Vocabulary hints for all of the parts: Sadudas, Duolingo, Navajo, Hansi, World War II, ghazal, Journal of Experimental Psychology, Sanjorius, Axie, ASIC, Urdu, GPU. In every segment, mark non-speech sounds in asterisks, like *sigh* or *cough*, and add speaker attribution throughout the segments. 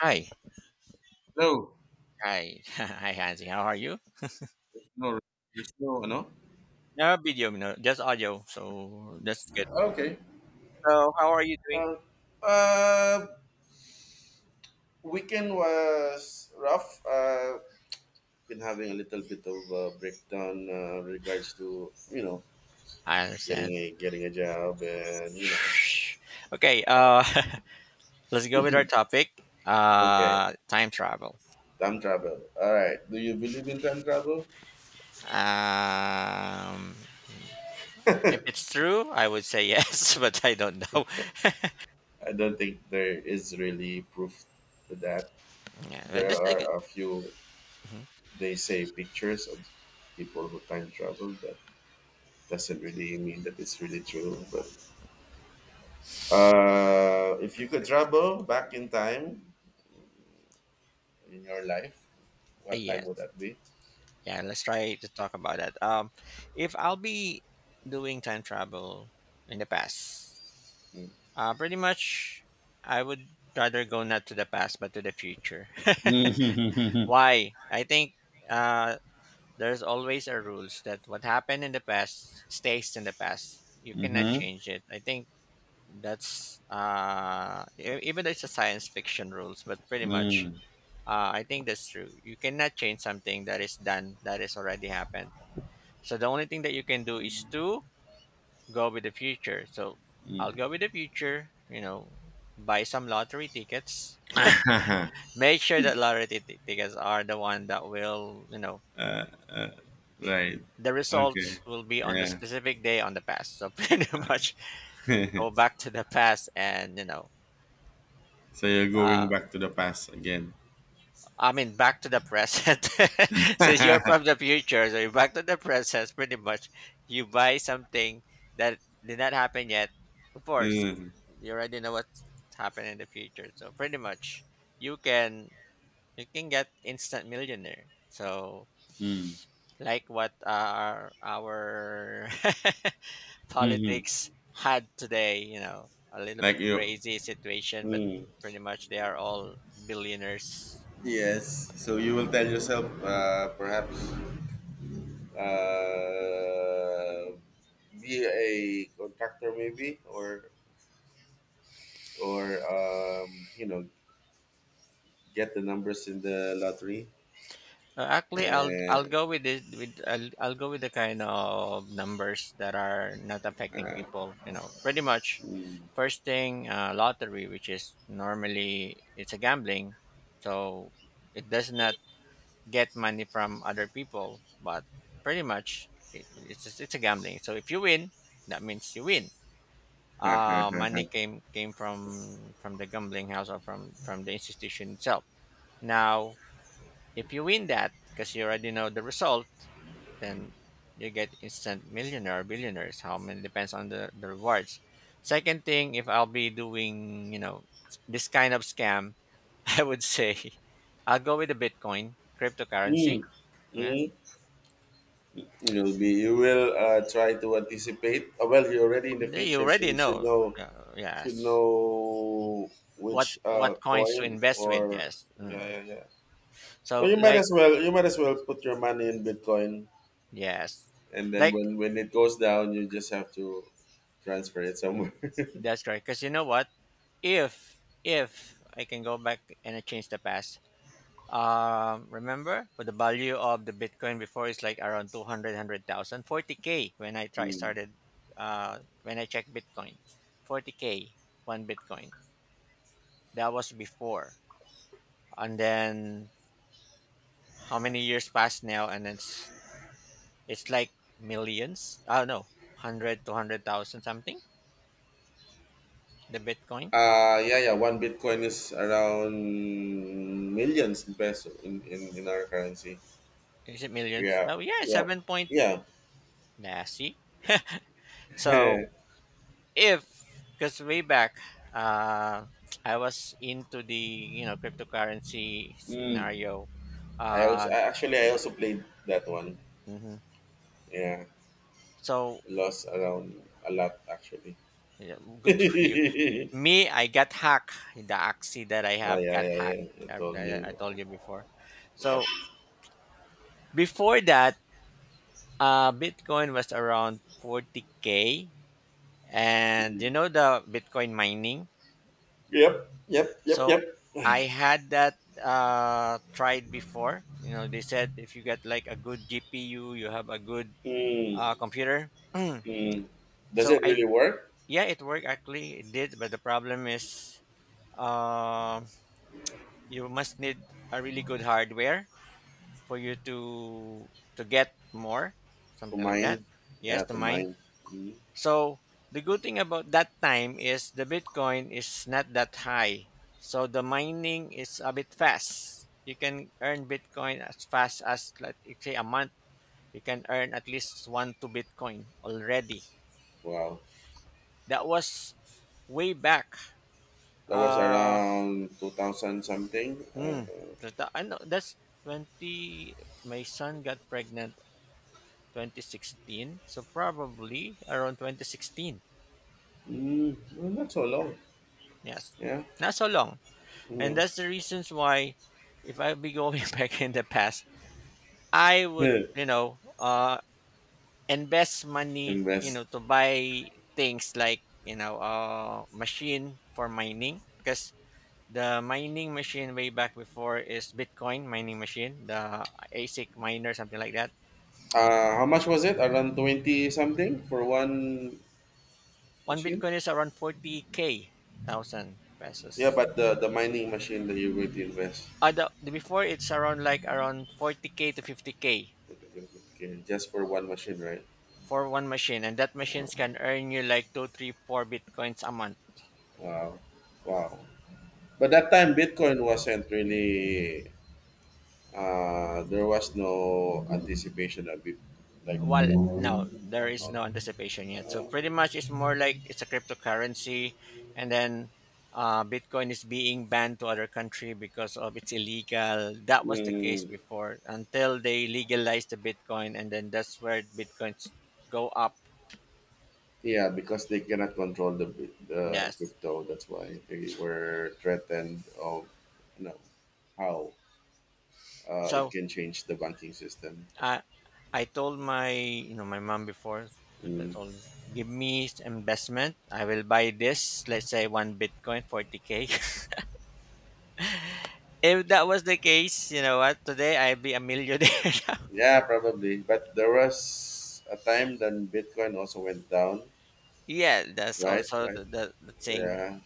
Speaker 1: Hi,
Speaker 2: No,
Speaker 1: hi, *laughs* hi, Hansi. How are you?
Speaker 2: there's no, there's no, ano?
Speaker 1: No video, no, just audio. So that's good.
Speaker 2: Okay.
Speaker 1: So how are you doing?
Speaker 2: Uh, uh, Weekend was rough. Been having a little bit of a breakdown regards to
Speaker 1: I
Speaker 2: getting
Speaker 1: understand.
Speaker 2: a getting a job and
Speaker 1: *sighs* Okay. *laughs* Let's go with our topic.
Speaker 2: okay,
Speaker 1: Time travel.
Speaker 2: time travel. All right. Do you believe in time travel?
Speaker 1: Um, if it's true, I would say yes, *laughs* but I don't know. *laughs*
Speaker 2: I don't think there is really proof to that.
Speaker 1: Yeah, but
Speaker 2: There
Speaker 1: this is a good.
Speaker 2: are a few,
Speaker 1: Mhm.
Speaker 2: they say, pictures of people who time travel, but doesn't really mean that it's really true. But if you could travel back in time in your life, what time would
Speaker 1: Yes,
Speaker 2: that be?
Speaker 1: yeah. Let's try to talk about that. If I'll be doing time travel in the past.
Speaker 2: Mm.
Speaker 1: Pretty much, I would rather go not to the past but to the future. *laughs*
Speaker 2: Mhm.
Speaker 1: Why? I think uh, there's always a rules that what happened in the past stays in the past. You cannot
Speaker 2: Mhm.
Speaker 1: change it. I think that's even though it's a science fiction rules, but pretty much
Speaker 2: Mm.
Speaker 1: I think that's true. You cannot change something that is done that is already happened. So the only thing that you can do is to go with the future. So
Speaker 2: Mm.
Speaker 1: I'll go with the future, you know, buy some lottery tickets.
Speaker 2: *laughs*
Speaker 1: Make sure that lottery tickets are the one that will, you know,
Speaker 2: uh, uh, right.
Speaker 1: the
Speaker 2: Okay.
Speaker 1: results will be on the
Speaker 2: Yeah.
Speaker 1: specific day on the past. So *laughs* pretty much go
Speaker 2: *laughs*
Speaker 1: back to the past and, you know,
Speaker 2: So you're going
Speaker 1: uh,
Speaker 2: back to the past again.
Speaker 1: I mean, back to the present. *laughs* Since you're from
Speaker 2: *laughs*
Speaker 1: the future, so you're back to the present, pretty much. You buy something that did not happen yet. Of course,
Speaker 2: Mm.
Speaker 1: you already know what's happening in the future. So pretty much, you can you can get instant millionaire. So
Speaker 2: Mm.
Speaker 1: like what our *laughs*
Speaker 2: Hmm.
Speaker 1: politics had today, you know, a little bit
Speaker 2: Like you.
Speaker 1: crazy situation, but
Speaker 2: Mm.
Speaker 1: pretty much they are all billionaires.
Speaker 2: Yes. So you will tell yourself, perhaps uh, be a contractor maybe or get the numbers in the lottery
Speaker 1: Actually, I'll I'll
Speaker 2: and
Speaker 1: go with this with I'll, I'll go with the kind of numbers that are not affecting people. You know, pretty much.
Speaker 2: mm,
Speaker 1: First thing, lottery, which is normally it's a gambling, so it does not get money from other people, but pretty much it's just, it's a gambling. So if you win, that means you win.
Speaker 2: *laughs*
Speaker 1: Money came from the gambling house or from the institution itself. Now, if you win that, because you already know the result, then you get instant millionaire billionaires, how many depends on the rewards. Second thing, if I'll be doing, you know, this kind of scam, *laughs* I would say I'll go with the bitcoin
Speaker 2: mm, mm,
Speaker 1: cryptocurrency. Yeah.
Speaker 2: you be you will try to anticipate well you're already in the
Speaker 1: You
Speaker 2: future, so
Speaker 1: already
Speaker 2: you should
Speaker 1: know,
Speaker 2: know, should
Speaker 1: yes,
Speaker 2: know
Speaker 1: what
Speaker 2: which
Speaker 1: what coins to
Speaker 2: coin
Speaker 1: invest with,
Speaker 2: or
Speaker 1: yes.
Speaker 2: yeah,
Speaker 1: Mm.
Speaker 2: yeah, yeah. Well,
Speaker 1: So
Speaker 2: you might
Speaker 1: like
Speaker 2: as well you might as well put your money in Bitcoin,
Speaker 1: yes,
Speaker 2: and then
Speaker 1: like
Speaker 2: when it goes down, you just have to transfer it somewhere. *laughs*
Speaker 1: that's correct because you know what, if I can go back and I change the past. Remember, but the value of the Bitcoin before is like around 200K when I try
Speaker 2: Mm.
Speaker 1: started, when I checked Bitcoin, 40K, one Bitcoin. That was before. And then how many years passed now? And it's like millions. I don't know, 100, something, the Bitcoin.
Speaker 2: Yeah, yeah, one Bitcoin is around millions in peso in our currency,
Speaker 1: Is it millions?
Speaker 2: yeah,
Speaker 1: Oh, yeah,
Speaker 2: yeah,
Speaker 1: 7 point.
Speaker 2: yeah.
Speaker 1: Nah, see? So
Speaker 2: *laughs*
Speaker 1: if because way back uh, I was into the, you know, cryptocurrency
Speaker 2: Mm.
Speaker 1: scenario. uh
Speaker 2: Actually, I also played that one,
Speaker 1: mhm.
Speaker 2: yeah.
Speaker 1: So
Speaker 2: Lost around a lot, actually.
Speaker 1: yeah, good for you.
Speaker 2: *laughs*
Speaker 1: Me, I got hacked. The Axie that I
Speaker 2: Ah,
Speaker 1: have
Speaker 2: yeah,
Speaker 1: got
Speaker 2: yeah,
Speaker 1: hacked.
Speaker 2: yeah, you
Speaker 1: I,
Speaker 2: told me.
Speaker 1: I, I told you before.
Speaker 2: Yep.
Speaker 1: So before that, bitcoin was around 40K. And you
Speaker 2: Mm.
Speaker 1: know the bitcoin mining.
Speaker 2: Yep, yep, yep,
Speaker 1: So
Speaker 2: yep.
Speaker 1: I had that tried before. You know, they said if you get like a good GPU, you have a good
Speaker 2: Mm.
Speaker 1: computer.
Speaker 2: Mm.
Speaker 1: *clears throat*
Speaker 2: Does
Speaker 1: So
Speaker 2: it
Speaker 1: I,
Speaker 2: really work?
Speaker 1: yeah, it worked actually. It did, but the problem is um you must need a really good hardware for you to get more
Speaker 2: To
Speaker 1: something like that.
Speaker 2: mine,
Speaker 1: Yes,
Speaker 2: yeah,
Speaker 1: the
Speaker 2: to
Speaker 1: mine.
Speaker 2: mine. Mm,
Speaker 1: So the good thing about that time is the Bitcoin is not that high. So the mining is a bit fast. You can earn Bitcoin as fast as like say a month. You can earn at least one to Bitcoin already.
Speaker 2: wow,
Speaker 1: That was way back.
Speaker 2: that was
Speaker 1: Uh,
Speaker 2: around 2000 something.
Speaker 1: mm, I know that's twenty. My son got pregnant 2016. So probably around 2016.
Speaker 2: Well, not so long.
Speaker 1: Yes,
Speaker 2: Yeah.
Speaker 1: not so long. And
Speaker 2: Mm.
Speaker 1: that's the reasons why if I be going *laughs* back in the past, I would,
Speaker 2: *laughs*
Speaker 1: you know, invest money, you
Speaker 2: Invest.
Speaker 1: know, to buy things like, you know, machine for mining because the mining machine way back before is Bitcoin mining machine, the ASIC miner, something like that.
Speaker 2: How much was it? Around 20 something for one
Speaker 1: One
Speaker 2: machine.
Speaker 1: Bitcoin is around 40K thousand
Speaker 2: Yeah,
Speaker 1: pesos.
Speaker 2: but the mining machine that you're going to invest.
Speaker 1: Before it's around like around 40K to 50K.
Speaker 2: Okay, just for one machine, right?
Speaker 1: For one machine, and that
Speaker 2: Oh,
Speaker 1: machines can earn you like 2, 3, 4 bitcoins a month.
Speaker 2: wow, wow. But that time Bitcoin wasn't really. There was no anticipation of it, like,
Speaker 1: Well, no,
Speaker 2: no,
Speaker 1: there is
Speaker 2: no, no.
Speaker 1: no anticipation yet, so
Speaker 2: Uh,
Speaker 1: pretty much it's more like it's a cryptocurrency. And then bitcoin is being banned to other country because of it's illegal. That was the case
Speaker 2: mm,
Speaker 1: before until they legalized the bitcoin, and then that's where bitcoins go up.
Speaker 2: yeah, because they cannot control the the
Speaker 1: Yes.
Speaker 2: crypto. That's why they were threatened of, you know, how it
Speaker 1: So
Speaker 2: can change the banking system.
Speaker 1: I I told my, you know, my mom before. I
Speaker 2: Mm,
Speaker 1: told her, give me investment. I will buy this. Let's say one Bitcoin, 40K. *laughs* If that was the case, you know what? Today I'd be a millionaire. *laughs* Now.
Speaker 2: yeah, probably. But there was a time then Bitcoin also went down.
Speaker 1: Yeah, that's
Speaker 2: Right,
Speaker 1: also
Speaker 2: right.
Speaker 1: the, the thing.
Speaker 2: Yeah.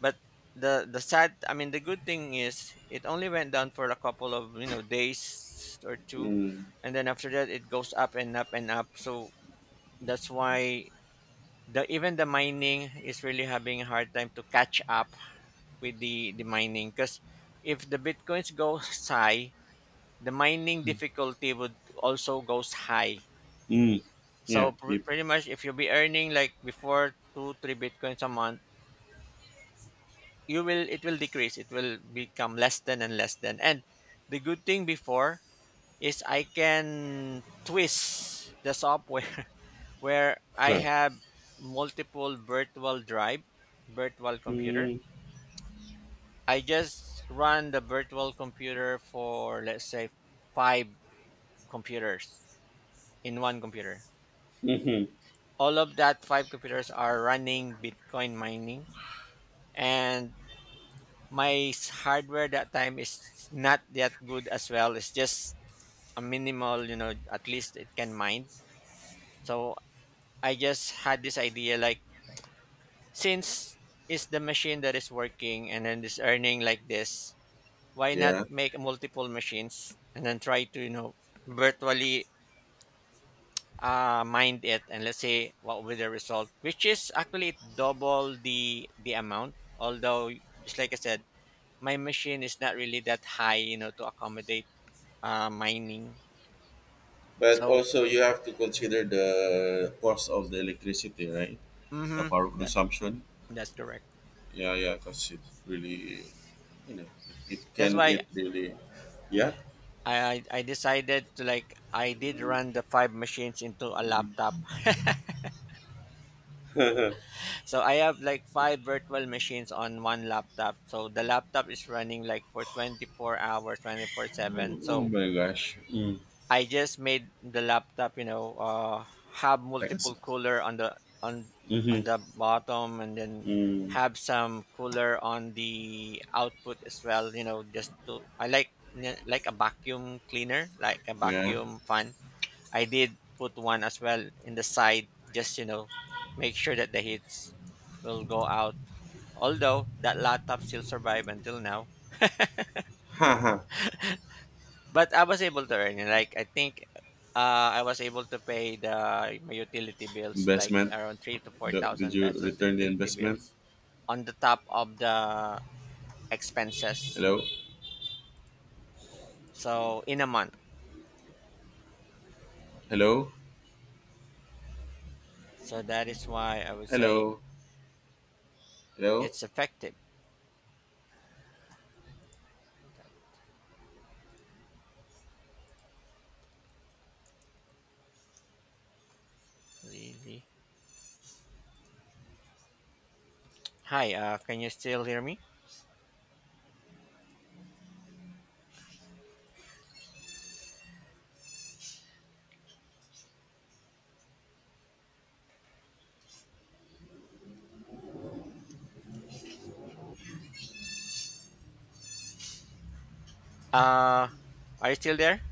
Speaker 1: But the sad, I mean, the good thing is it only went down for a couple of, you know, days or two,
Speaker 2: Mm.
Speaker 1: and then after that it goes up and up and up. So that's why the even the mining is really having a hard time to catch up with the mining because if the bitcoins goes *laughs* high, the mining difficulty would also goes high.
Speaker 2: Mm. Yeah.
Speaker 1: So
Speaker 2: Yep.
Speaker 1: pretty much if you'll be earning like before 2, 3 bitcoins a month, you will, it will decrease, it will become less than and less than. And the good thing before is I can twist the software *laughs* where I
Speaker 2: Huh.
Speaker 1: have multiple virtual drive, virtual computer.
Speaker 2: Mm.
Speaker 1: I just run the virtual computer for let's say five computers in one computer.
Speaker 2: *laughs*
Speaker 1: All of that five computers are running Bitcoin mining, and my hardware that time is not that good as well. It's just a minimal, you know, at least it can mine. So I just had this idea like since it's the machine that is working and then is earning like this, why not
Speaker 2: Yeah.
Speaker 1: make multiple machines and then try to, you know, virtually mined it and let's say what will be the result which is actually double the amount. Although just like I said, my machine is not really that high, you know, to accommodate mining.
Speaker 2: But
Speaker 1: So
Speaker 2: also you have to consider the cost of the electricity, right? The
Speaker 1: mm-hmm,
Speaker 2: power
Speaker 1: that,
Speaker 2: consumption.
Speaker 1: that's correct.
Speaker 2: Yeah, yeah, because it really, you know, it
Speaker 1: That's
Speaker 2: can,
Speaker 1: why
Speaker 2: it really, yeah.
Speaker 1: I decided to, like, I did run the five machines into a laptop. *laughs* So I have like five virtual machines on one laptop. So the laptop is running like for 24 hours, 24/7.
Speaker 2: *laughs* Oh
Speaker 1: So
Speaker 2: my gosh. Mm.
Speaker 1: I just made the laptop, you know, have
Speaker 2: Like I said.
Speaker 1: multiple cooler on the on on
Speaker 2: Mm-hmm.
Speaker 1: the bottom, and then
Speaker 2: Mm.
Speaker 1: have some cooler on the output as well. You know, just to I like like a vacuum cleaner, like a
Speaker 2: Yeah.
Speaker 1: vacuum fan. I did put one as well in the side, just you know, make sure that the heats will go out. Although that laptop still survive until now.
Speaker 2: Haha.
Speaker 1: But I was able to earn it. Like I think I was able to pay the my utility bills like
Speaker 2: Investment.
Speaker 1: around three to four
Speaker 2: Did
Speaker 1: thousand
Speaker 2: you
Speaker 1: pesos, the
Speaker 2: return the
Speaker 1: utility
Speaker 2: investment?
Speaker 1: bills on the top of the expenses.
Speaker 2: Hello?
Speaker 1: So in a month.
Speaker 2: Hello?
Speaker 1: So that is why I would say
Speaker 2: Hello? Hello?
Speaker 1: it's effective. Really? Hi, can you still hear me? Uh are you still there?